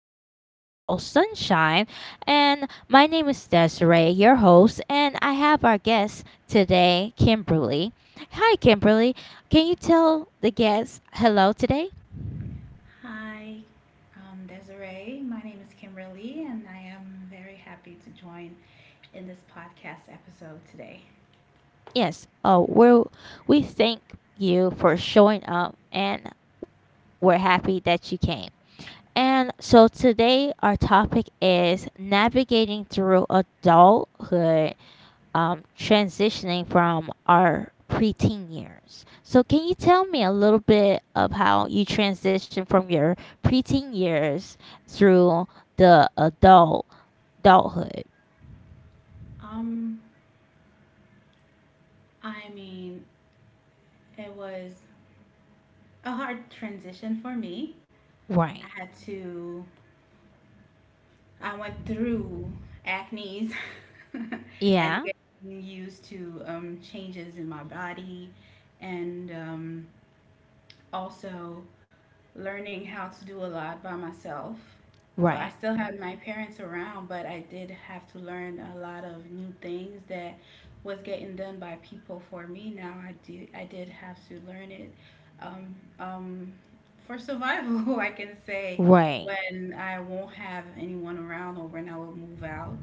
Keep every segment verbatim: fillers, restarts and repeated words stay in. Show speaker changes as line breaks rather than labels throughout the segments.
podcast called Sunshine, and my name is Desiree, your host, and I have our guest today, Kimberly. Hi Kimberly, can you tell the guests hello today?
Hi, um, Desiree. My name is Kimberly, and I am very happy to join in this podcast episode today.
Yes. Oh, we're, we thank you for showing up and we're happy that you came. And so today our topic is navigating through adulthood, um, transitioning from our preteen years. So, can you tell me a little bit of how you transition from your preteen years through the adult adulthood?
Um, I mean, it was a hard transition for me.
Right.
I had to, I went through acne's and
Yeah.
getting used to um, changes in my body, and um, also learning how to do a lot by myself. Well, I
Right.
still had my parents around, but I did have to learn a lot of new things that was getting done by people for me. Now I do I did have to learn it um, um, for survival. I can say
Right.
when I won't have anyone around or when I will move out.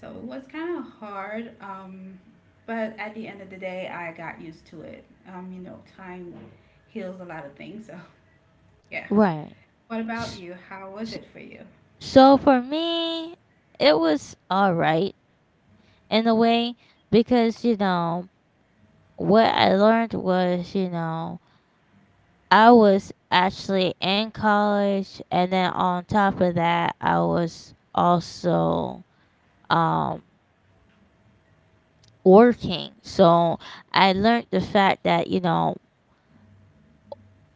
So it was kind of hard, um, but at the end of the day, I got used to it. Um, you know, time heals a lot of things. So yeah.
Right.
What about
S-
you? How was
s-
it for you?
So for me, it was all right in a way, because you know what I learned was, you know, I was actually in college, and then on top of that, I was also um, working. So I learned the fact that, you know,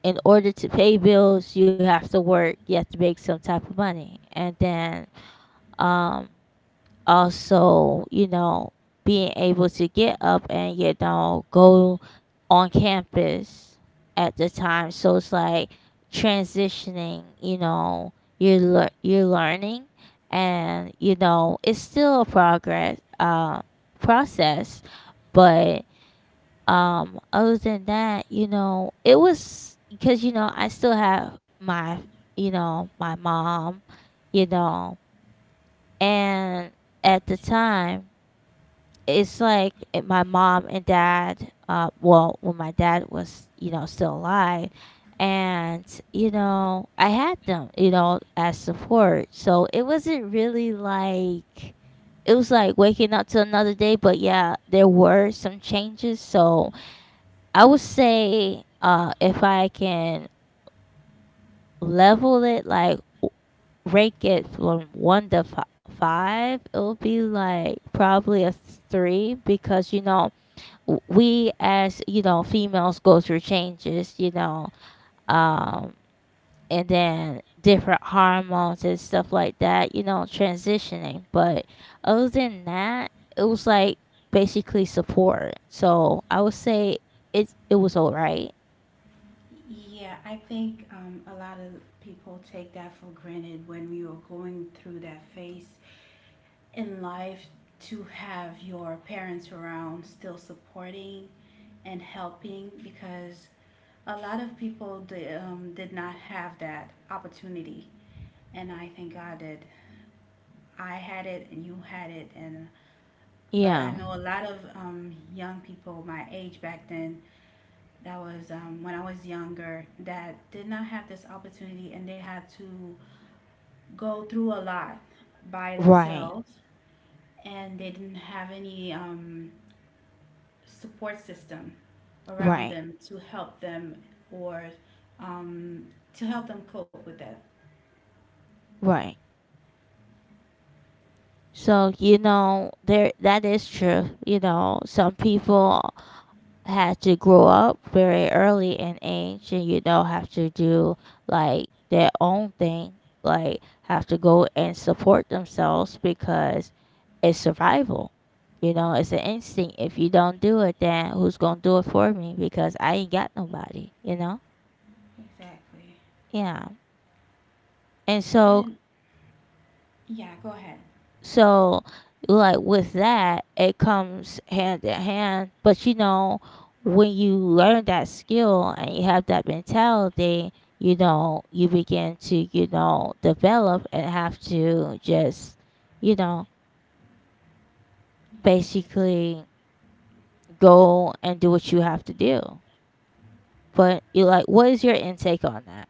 in order to pay bills, you have to work, you have to make some type of money. And then, um, also, you know, being able to get up and, you know, go on campus at the time. So it's like transitioning, you know, you're, lear- you're learning, and, you know, it's still a progress, uh, process. But um other than that, you know, it was, because, you know, I still have my, you know, my mom, you know. And at the time, it's like, eh, my mom and dad, uh well, when my dad was, you know, still alive, and, you know, I had them, you know, as support. So it wasn't really like, it was like waking up to another day. But yeah, there were some changes. So I would say, uh if I can level it like w- rank it from one to fi- five, it'll be like probably a three, because you know, w- we, as you know, females, go through changes, you know, um and then different hormones and stuff like that, you know, transitioning. But other than that, it was like basically support. So I would say it it was all right.
Yeah, I think um, a lot of people take that for granted when we are going through that phase in life to have your parents around still supporting and helping because a lot of people did, um, did not have that opportunity, and I think I did. I had it and you had it. And but I
Yeah.
know a lot of um, young people my age back then, that was um, when I was younger, that did not have this opportunity, and they had to go through a lot by
Right.
themselves, and they didn't have any um, support system around
Right.
them to help them or um, to help them cope with that.
Right. So you know, there, that is true. You know, some people had to grow up very early in age, and you know, have to do like their own thing, like have to go and support themselves, because it's survival. You know, it's an instinct. If you don't do it, then who's gonna do it for me, because I ain't got nobody, you know.
Exactly.
Yeah. and so
And yeah, go ahead.
So, like with that, it comes hand in hand. But you know, when you learn that skill and you have that mentality, you know, you begin to, you know, develop and have to just, you know,
Yeah, I get it.
basically go and do what you have to do. But you like, what is your intake on that?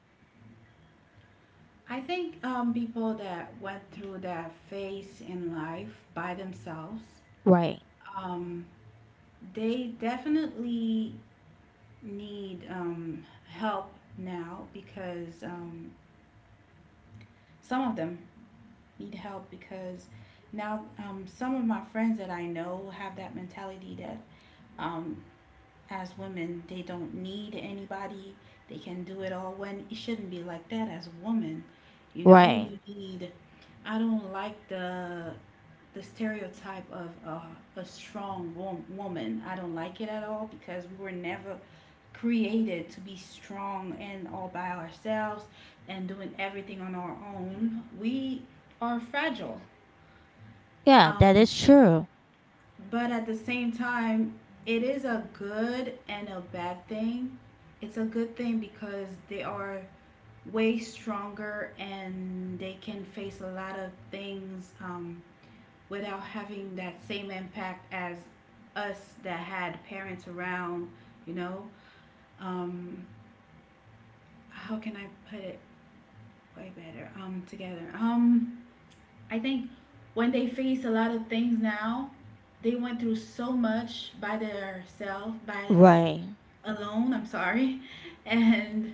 I think um, people that went through that phase in life by themselves,
Right,
um, they definitely need um, help now, because um, some of them need help because now um, some of my friends that I know have that mentality that um, as women they don't need anybody, they can do it all, when it shouldn't be like that. As a woman, you know,
right.
you need, I don't like the the stereotype of uh, a strong wo- woman. I don't like it at all, because we were never created to be strong and all by ourselves and doing everything on our own. We are fragile.
Yeah, that
Um,
is true.
but at the same time, it is a good and a bad thing. It's a good thing because they are way stronger and they can face a lot of things um, without having that same impact as us that had parents around, you know? Um, how can I put it way better um, together? Um, I think when they face a lot of things now, they went through so much by themselves, by them
Right,
alone, I'm sorry. And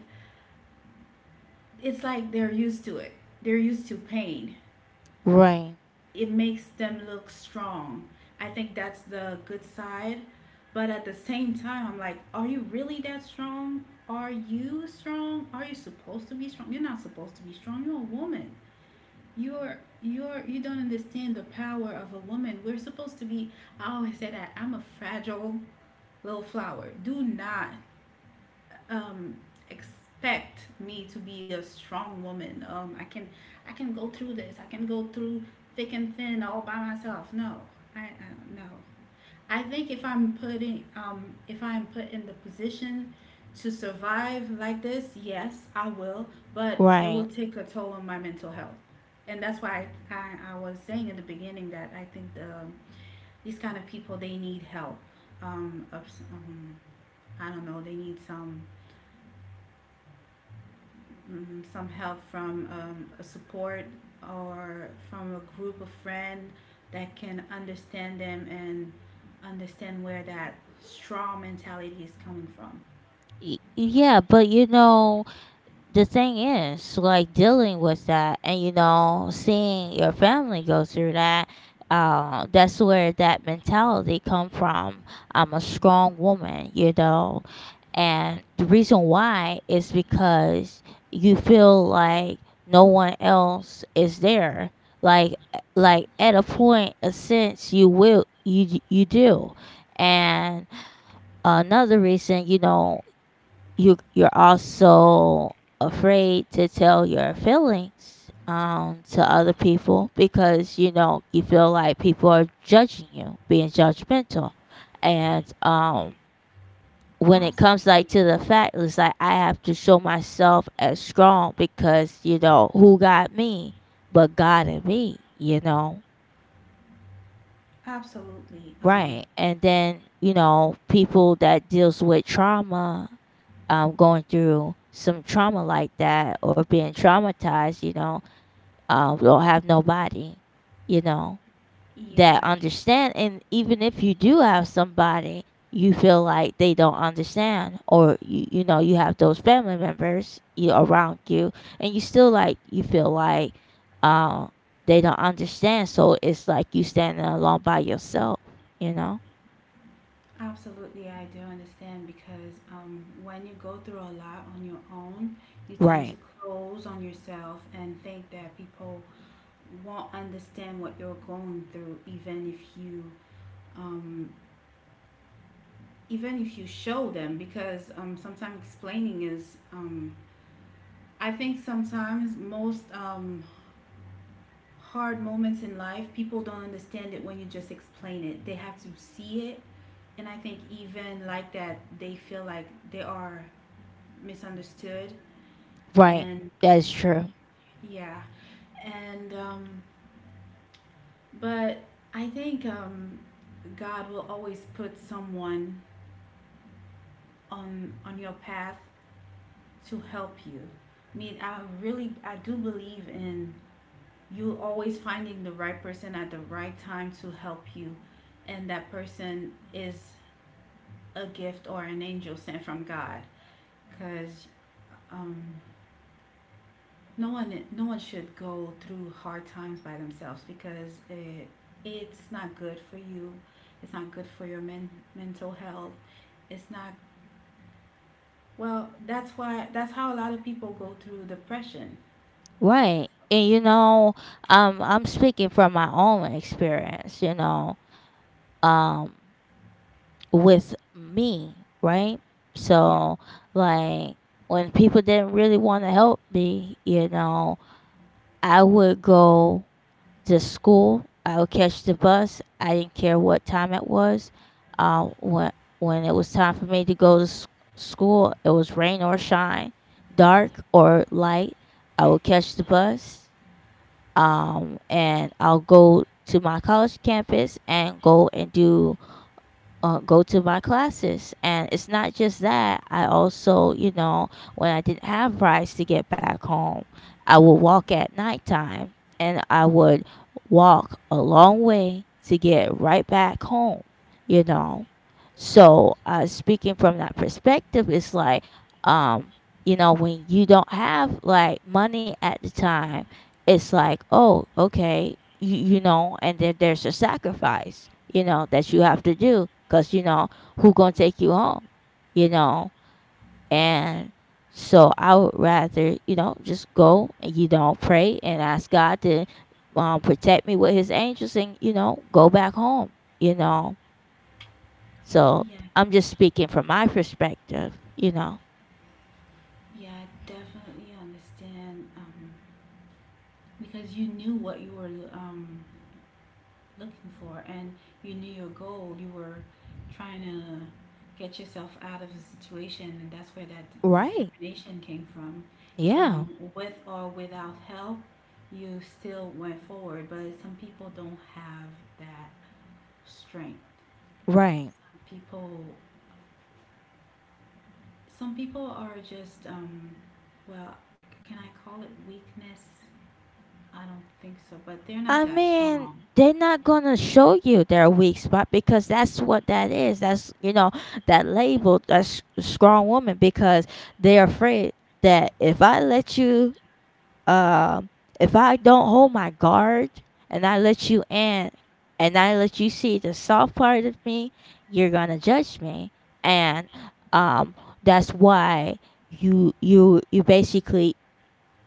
it's like they're used to it. They're used to pain.
right,
It makes them look strong. I think that's the good side. But at the same time, I'm like, are you really that strong? Are you strong? Are you supposed to be strong? You're not supposed to be strong. You're a woman. You're you're you don't understand the power of a woman. We're supposed to be, I always say that I'm a fragile little flower. Do not um, expect me to be a strong woman. Um, I can I can go through this. I can go through thick and thin all by myself. No, I, I no. I think if I'm putting um, if I'm put in the position to survive like this, yes, I will. But it will
right.
take a toll on my mental health, and that's why I, I, I was saying in the beginning that I think the um, these kind of people, they need help. Um, ups, um, I don't know. They need some mm, some help from um, a support or from a group of friends that can understand them and understand where that strong mentality is coming from.
Y- Yeah, but you know, the thing is like dealing with that, and you know, seeing your family go through that, uh, that's where that mentality come from. I'm a strong woman, you know. And the reason why is because you feel like no one else is there. like like at a point, a sense, you will, you you do. And another reason, you know, you you're also afraid to tell your feelings, um to other people, because you know, you feel like people are judging you, being judgmental. And
Yeah,
um when it comes like to
absolutely.
the fact, it's like I have to show myself as strong, because you know, who got me but God and me, you know.
Absolutely.
Right.
Um,
And then, you know, people that deals with trauma, um, going through some trauma like that or being traumatized, you know, um, don't have nobody, you know,
yeah,
that
I
understand. And even if you do have somebody, you feel like they don't understand, or you, you know, you have those family members, you, around you, and you still like, you feel like, um, they don't understand. So it's like you standing alone by yourself, you know?
absolutely I do understand because um, when you go through a lot on your own, you tend
Right,
to close on yourself and think that people won't understand what you're going through, even if you um, even if you show them, because um, sometimes explaining is um, I think sometimes most um, hard moments in life people don't understand it. When you just explain it, they have to see it, and I think even like that they feel like they are misunderstood.
right.
And
That's true.
yeah, and um, but I think um, God will always put someone on on your path to help you. I mean, I really, I do believe in you always finding the right person at the right time to help you, and that person is a gift or an angel sent from God, because um, no one, no one should go through hard times by themselves, because it, it's not good for you. It's not good for your men, mental health. It's not well. That's why. That's how a lot of people go through depression.
Right. And you know, um, I'm speaking from my own experience, you know, um, with me, right?
Yeah.
So, like, when people didn't really want to help me, you know, I would go to school. I would catch the bus. I didn't care what time it was. Uh, when when it was time for me to go to s- school, it was rain or shine, dark or light. I would catch the bus, um, and I'll go to my college campus and go and do, uh, go to my classes. And it's not just that. I also, you know, when I didn't have rides to get back home, I would walk at nighttime, and I would walk a long way to get right back home, you know. So, uh, speaking from that perspective, it's like, um, you know, when you don't have like money at the time, it's like, oh, okay, you, you know, and that, there's a sacrifice, you know, that you have to do, because you know, who gonna take you home, you know. And so I would rather, you know, just go and, you know, pray and ask God to, um, protect me with his angels and, you know, go back home, you know. So
Yeah.
I'm just speaking from my perspective, you know.
Yeah, I definitely understand um, because you knew what you were um, looking for, and you knew your goal. You were trying to get yourself out of a situation, and that's where that d-
Right.
determination came from.
Yeah.
Um, with or without help, you still went forward, but some people don't have that strength.
Right.
Some people, some people are just, um, well, can I call it weakness? I don't think so, but they're not
I
that
mean,
strong.
they're not gonna show you their weak spot, because that's what that is. That's, you know, that label, that's strong woman, because they're afraid that if I let you, um, if I don't hold my guard and I let you in and I let you see the soft part of me, you're gonna judge me. And um, that's why you you you basically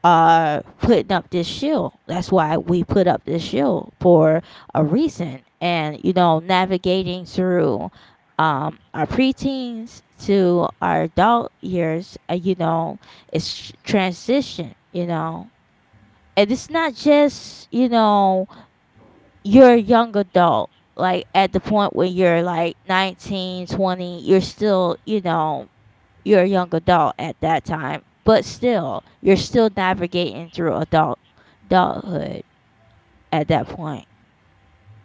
are putting up this shield. That's why we put up this shield, for a reason. And, you know, navigating through, um, our preteens to our adult years, uh, you know, it's transition, you know. And it's not just, you know, you're a young adult. Like at the point when you're like nineteen, twenty, you're still, you know, you're a young adult at that time, but still, you're still navigating through adult adulthood at that point.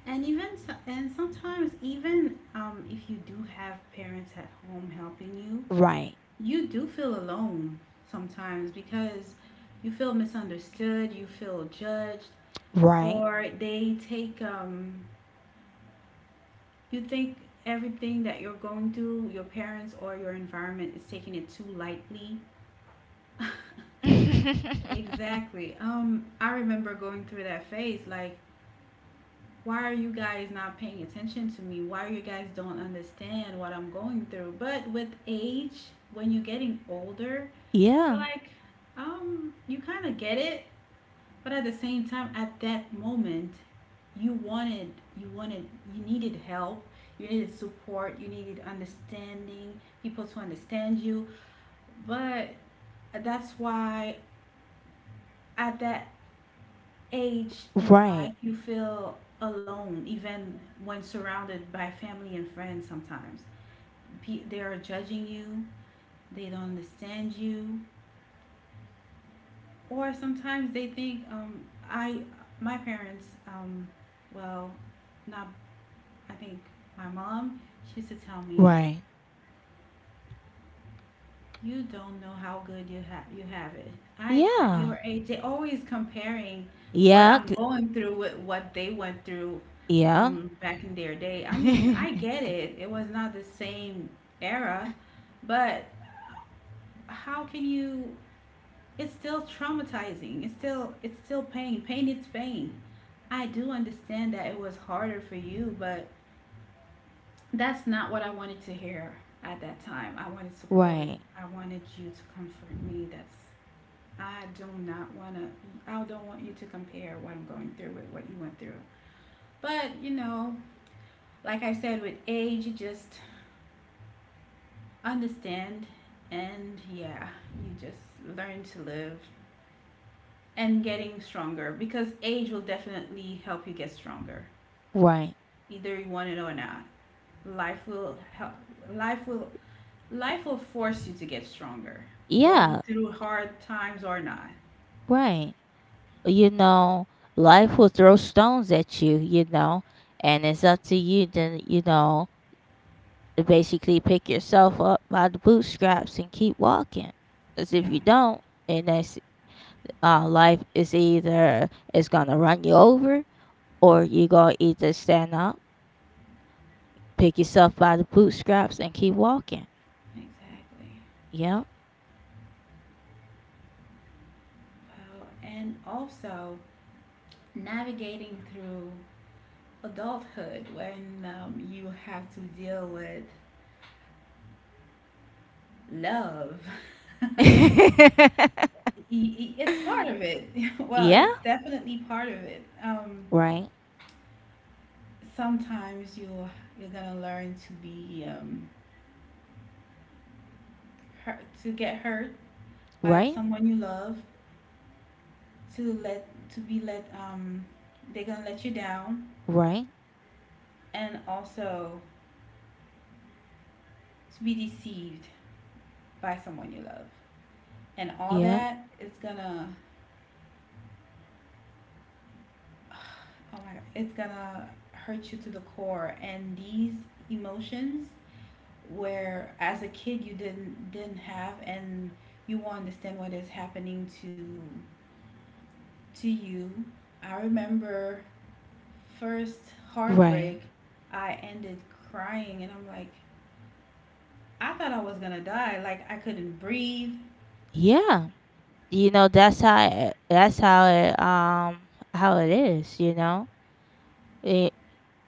And even so- and sometimes even um, if you do have parents at home helping you,
Right.
you do feel alone sometimes, because you feel misunderstood, you feel judged,
Right.
or they take um, you think everything that you're going through, your parents or your environment is taking it too lightly. Exactly. Um, I remember going through that phase. Like, why are you guys not paying attention to me? Why are you guys don't understand what I'm going through? But with age, when you're getting older,
Yeah.
like, um, you kind of get it, but at the same time, at that moment, you wanted, you wanted, you needed help, you needed support, you needed understanding, people to understand you. But that's why at that age in
Right.
life, you feel alone, even when surrounded by family and friends sometimes. Pe- They are judging you, they don't understand you, or sometimes they think, um, I, my parents, um, well, not, I think my mom, she used to tell me,
Right.
you don't know how good you have you have it. I at
Yeah.
your age, they always comparing what
Yeah.
I'm going through with what they went through
Yeah.
um, back in their day. I mean, I get it. It was not the same era, but how can you? It's still traumatizing. It's still it's still pain. Pain is pain. I do understand that it was harder for you, but that's not what I wanted to hear at that time. I wanted support.
Right.
I wanted you to comfort me. That's I do not want to, I don't want you to compare what I'm going through with what you went through. But, you know, like I said, with age, you just understand. And yeah, you just learn to live and getting stronger, because age will definitely help you get stronger,
Right.
either you want it or not. Life will help, life will, life will force you to get stronger, going
Yeah.
through hard times or not.
Right. You know, life will throw stones at you, you know, and it's up to you to, you know, to basically pick yourself up by the bootstraps and keep walking. Because if
Yeah,
you don't, and that's, uh, life is either, it's gonna run you over, or you gonna either stand up, pick yourself by the bootstraps, and keep walking.
exactly.
Yeah.
Well, and also, navigating through adulthood when um, you have to deal with love. I-
Yeah.
I- it's part of it. Well, it's definitely part of it. Um,
Right.
sometimes you you're gonna learn to be um, hurt, to get hurt by
Right.
someone you love, to let to be let um, they're gonna let you down,
Right.
and also to be deceived by someone you love, and all
Yeah.
that is gonna, oh my God, it's gonna hurt you to the core. And these emotions, where as a kid you didn't didn't have, and you won't understand what is happening to to you. I remember first
Right.
heartbreak, I ended crying, and I'm like, I thought I was gonna die. Like I couldn't breathe.
Yeah. You know that's how it, that's how it um how it is. You know. It,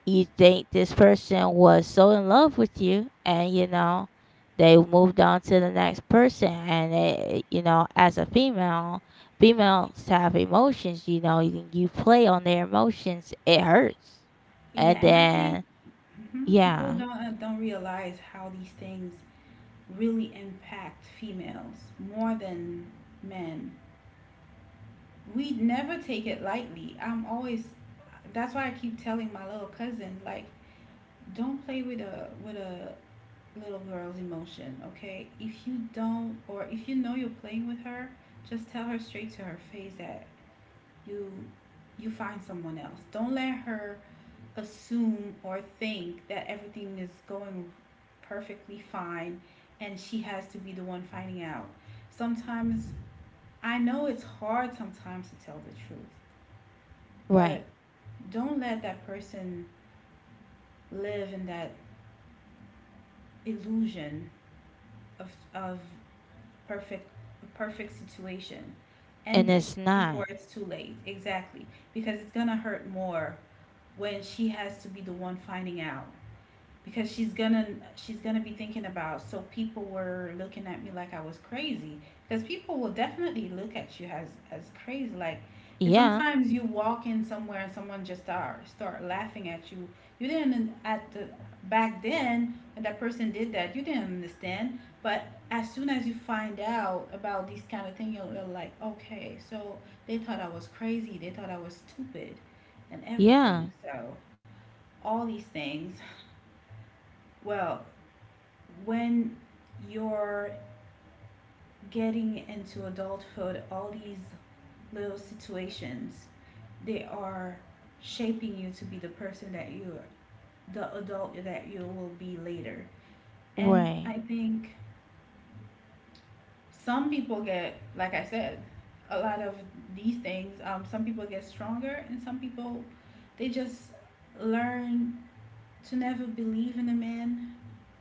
you think this person was so in love with you, and you know, they moved on to the next person. And it, you know, as a female, females have emotions, you know, you, you play on their emotions, it hurts.
Yeah,
And
and I think
then,
hmm people
yeah.
don't uh, don't realize how these things really impact females more than men. We never take it lightly. I'm always that's why I keep telling my little cousins, like, don't play with a with a little girl's emotion, okay? If you don't, or if you know you're playing with her, just tell her straight to her face that you you find someone else. Don't let her assume or think that everything is going perfectly fine and she has to be the one finding out. Sometimes I know it's hard sometimes to tell the truth,
Right.
but don't let that person live in that illusion of of perfect perfect situation. End
And
it
it's
before
not.
it's too late. Exactly. Because it's gonna hurt more when she has to be the one finding out. Because she's gonna she's gonna be thinking about so people were looking at me like I was crazy, because people will definitely look at you as as crazy, like. And
Yeah.
sometimes you walk in somewhere and someone just start start laughing at you. You didn't at the back then when that person did that, you didn't understand, but as soon as you find out about these kind of thing, you're, you're like, okay, so they thought I was crazy, they thought I was stupid and
Yeah.
everything. So all these things, well, when you're getting into adulthood, all these little situations, they are shaping you to be the person that you the adult that you will be later. And
Right.
I think some people get, like I said, a lot of these things. Um, some people get stronger, and some people, they just learn to never believe in a man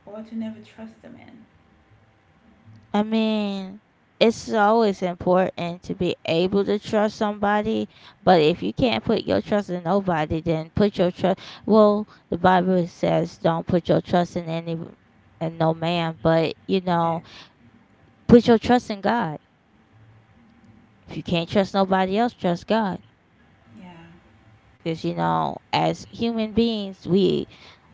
or to never trust a man.
I mean, it's always important to be able to trust somebody, but if you can't put your trust in nobody, then put your trust. Well, the Bible says don't put your trust in any, and no man, but you know,
Exactly.
put your trust in God. If you can't trust nobody else, trust God.
Yeah.
Because you know, as human beings, we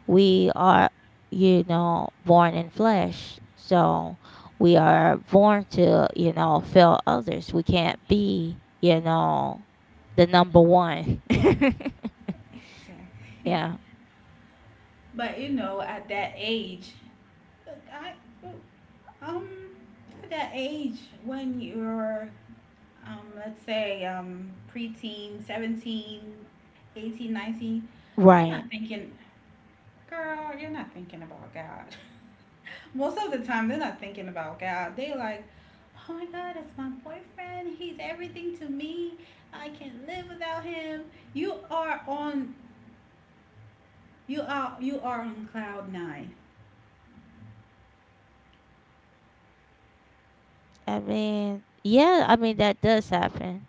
we are, you know, born in flesh, so we are born to, you know, fail others. We can't be, you know, the number one.
Exactly.
Yeah.
But you know, at that age, I um at that age when you're um let's say um preteen, seventeen, eighteen, nineteen, you're
Right.
not thinking, girl, you're not thinking about God. Most of the time, they're not thinking about God. They like, oh my God, that's my boyfriend. He's everything to me. I can't live without him. You are on you are you are on cloud nine.
I mean yeah, I mean that does happen.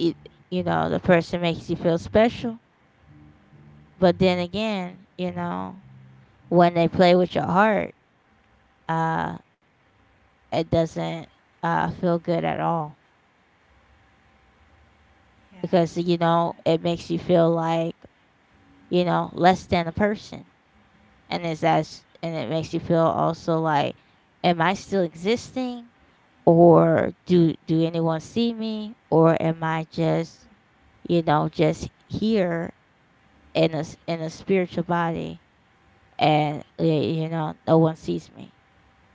it, you know, the person makes you feel special, but then again, you know, when they play with your heart, uh it doesn't uh feel good at all.
Yeah.
Because you
That's
know, it makes you feel like, you know, less than a person. And it's as and it makes you feel also like, am I still existing, or do do anyone see me, or am I just, you know, just here in a s- in a spiritual body, and y- you know, no one sees me.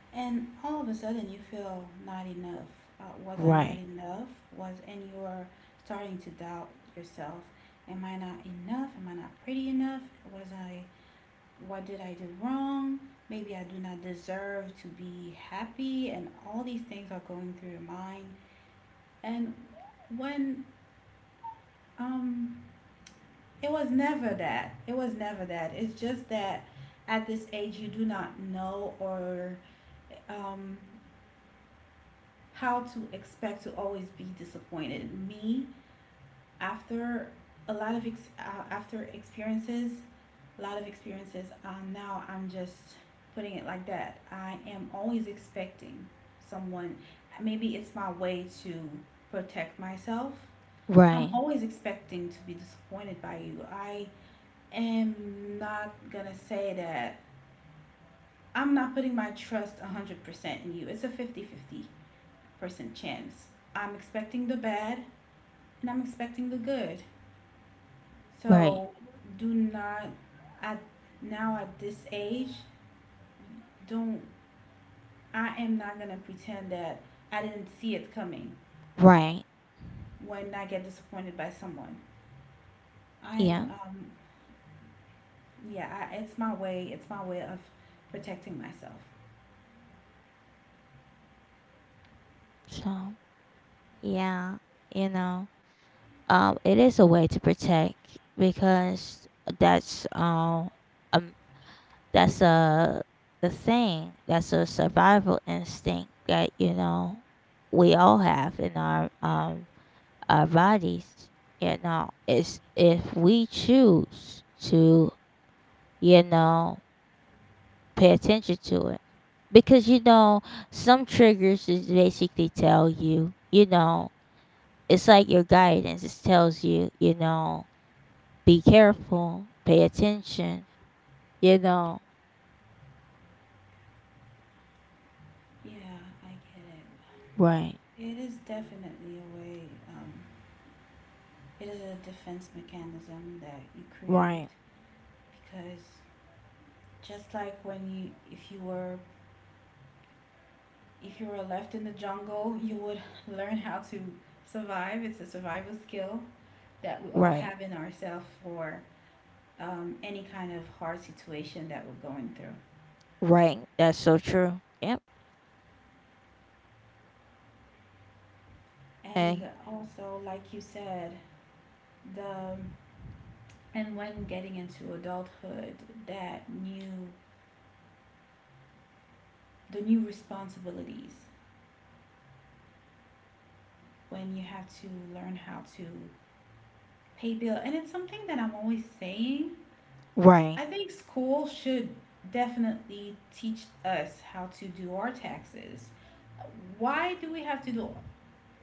And all of a sudden, you feel not enough. Uh, was I not
Right.
enough? Was and you are starting to doubt yourself. Am I not enough? Am I not pretty enough? Was I? What did I do wrong? Maybe I do not deserve to be happy. And all these things are going through your mind. And when um, it was never that. It was never that. It's just that at this age, you do not know or um, how to expect to always be disappointed. Me, after a lot of ex- uh, after experiences, a lot of experiences, uh, now I'm just putting it like that. I am always expecting someone. Maybe it's my way to protect myself. I'm
Right.
always expecting to be disappointed by you. I am not gonna say that I'm not putting my trust one hundred percent in you. It's a fifty-fifty percent chance. I'm expecting the bad, and I'm expecting the good.
Right.
So do not I now at this age, don't I am not gonna pretend that I didn't see it coming
Right.
when I get disappointed by someone. I am
Yeah.
um yeah, I, it's my way it's my way of protecting myself.
So yeah, you know, um, it is a way to protect, because that's, um, um that's a, the thing that's a survival instinct, that you know, we all have in our
Yeah.
um our bodies. You know, it's, if we choose to, you know, pay attention to it, because you know, some triggers is basically tell you, you know, it's like your guidance, it tells you, you know, be careful, pay attention, you know.
Yeah, I get
Right,
it. It is definitely a way, um, it is a defense mechanism that you create,
right,
because just like when you, if you were if you were left in the jungle, you would learn how to survive. It's a survival skill that we all
right,
have in ourselves for um, any kind of hard situation that we're going through.
right. That's so true. Yep.
And
Hey,
also, like you said, the and when getting into adulthood, that new the new responsibilities, when you have to learn how to pay bill. And it's something that I'm always saying,
right.
I think school should definitely teach us how to do our taxes. Why do we have to do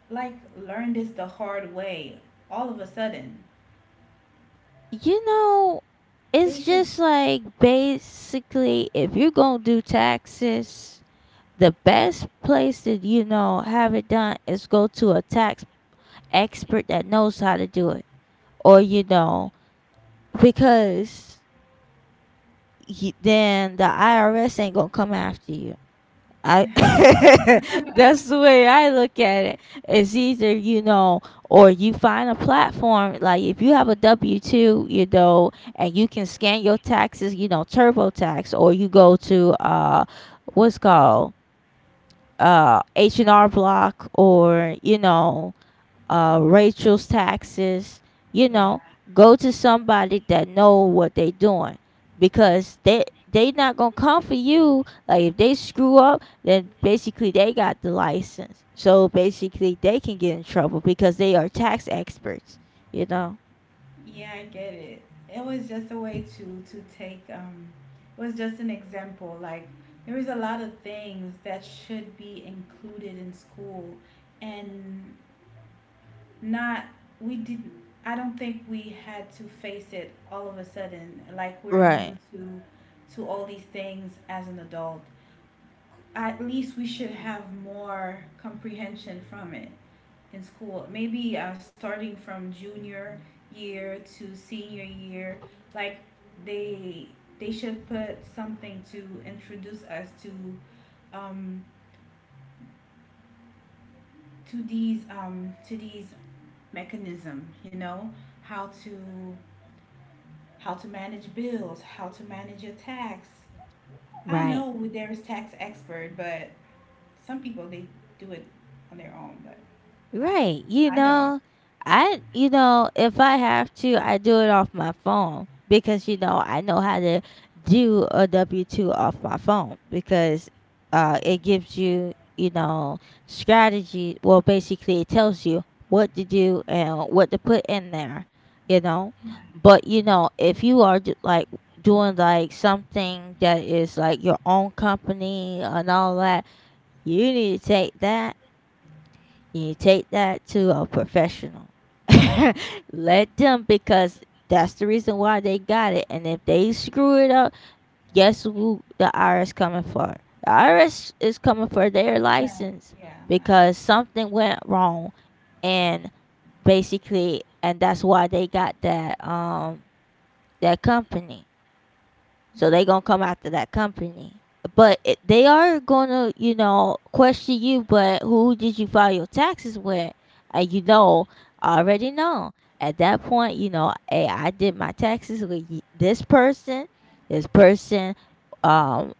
like learn this the hard way all of a sudden?
You know,
They
it's
should.
just like basically if you're gonna do taxes, the best place to, you know, have it done is go to a tax expert that knows how to do it. Or, you know, because y- then the I R S ain't gonna come after you. I. That's the way I look at it. It's either, you know, or you find a platform, like if you have a W two, you know, and you can scan your taxes, you know, TurboTax, or you go to, uh what's called, uh H and R Block, or you know, uh, Rachel's taxes. You
Yeah,
know, go to somebody that know what they doing, because they they not gonna come for you. Like if they screw up, then basically they got the license, so basically they can get in trouble because they are tax experts. You know,
yeah, I get it. It was just a way to to take um was just an example. Like, there is a lot of things that should be included in school, and not we didn't I don't think we had to face it all of a sudden, like we're new
right,
to to all these things as an adult. At least we should have more comprehension from it in school. Maybe uh, starting from junior year to senior year, like they they should put something to introduce us to um, to these um, to these mechanism. You know, how to how to manage bills, how to manage your tax. I
right.
know there is tax expert, but some people they do it on their own. But I,
Right. You
I don't.
know, I you know, if I have to, I do it off my phone, because you know, I know how to do a W two off my phone, because uh it gives you, you know, strategy, well basically it tells you what to do and what to put in there, you know.
Yeah,
But you know, if you are d- like doing like something that is like your own company and all that, you need to take that, you take that to a professional.
yeah,
Let them, because that's the reason why they got it. And if they screw it up, guess who the I R S coming for? The I R S is coming for their
yeah,
license,
yeah, I'm not,
because something went wrong. And basically, and that's why they got that, um that company, so they
yeah,
gonna come after that company. But it, they are gonna, you know, question you. But who did you file your taxes with? And you know, I already know at that point, you know, hey, I did my taxes with y- this person. This person, um,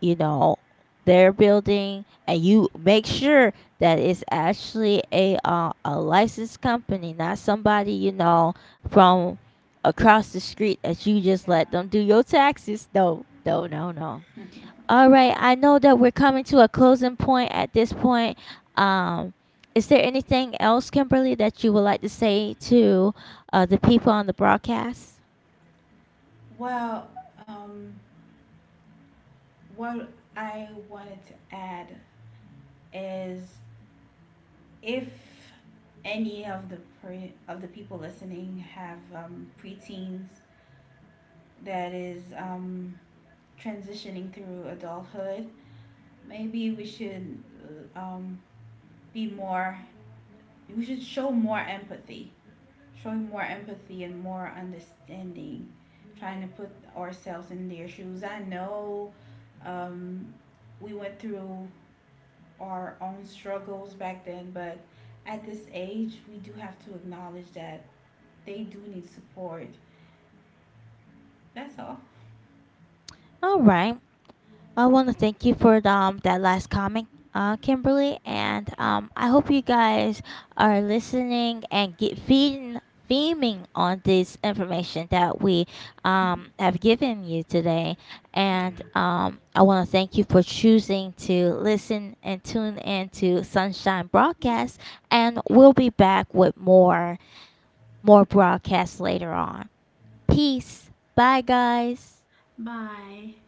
you know, their building, and you make sure that it's actually a, uh, a licensed company, not somebody you know from across the street, that you just
yeah.
let them do your taxes. No, no, no, no. All right, I know that we're coming to a closing point at this point. Um, is there anything else, Kimberly, that you would like to say to, uh, the people on the broadcast?
Well, um, what I wanted to add is, if any of the pre- of the people listening have um, preteens that is um, transitioning through adulthood, maybe we should uh, um, be more, we should show more empathy, showing more empathy and more understanding, trying to put ourselves in their shoes. I know um, we went through our own struggles back then, but at this age, we do have to acknowledge that they do need support. That's all.
All right. I want to thank you for the, um that last comment, uh, Kimberly. And um I hope you guys are listening and get feeding theming on this information that we um have given you today.
Yeah.
And um I want to thank you for choosing to listen and tune in to Sunshine broadcast, and we'll be back with more, more broadcasts later on. Peace. Bye guys.
Bye.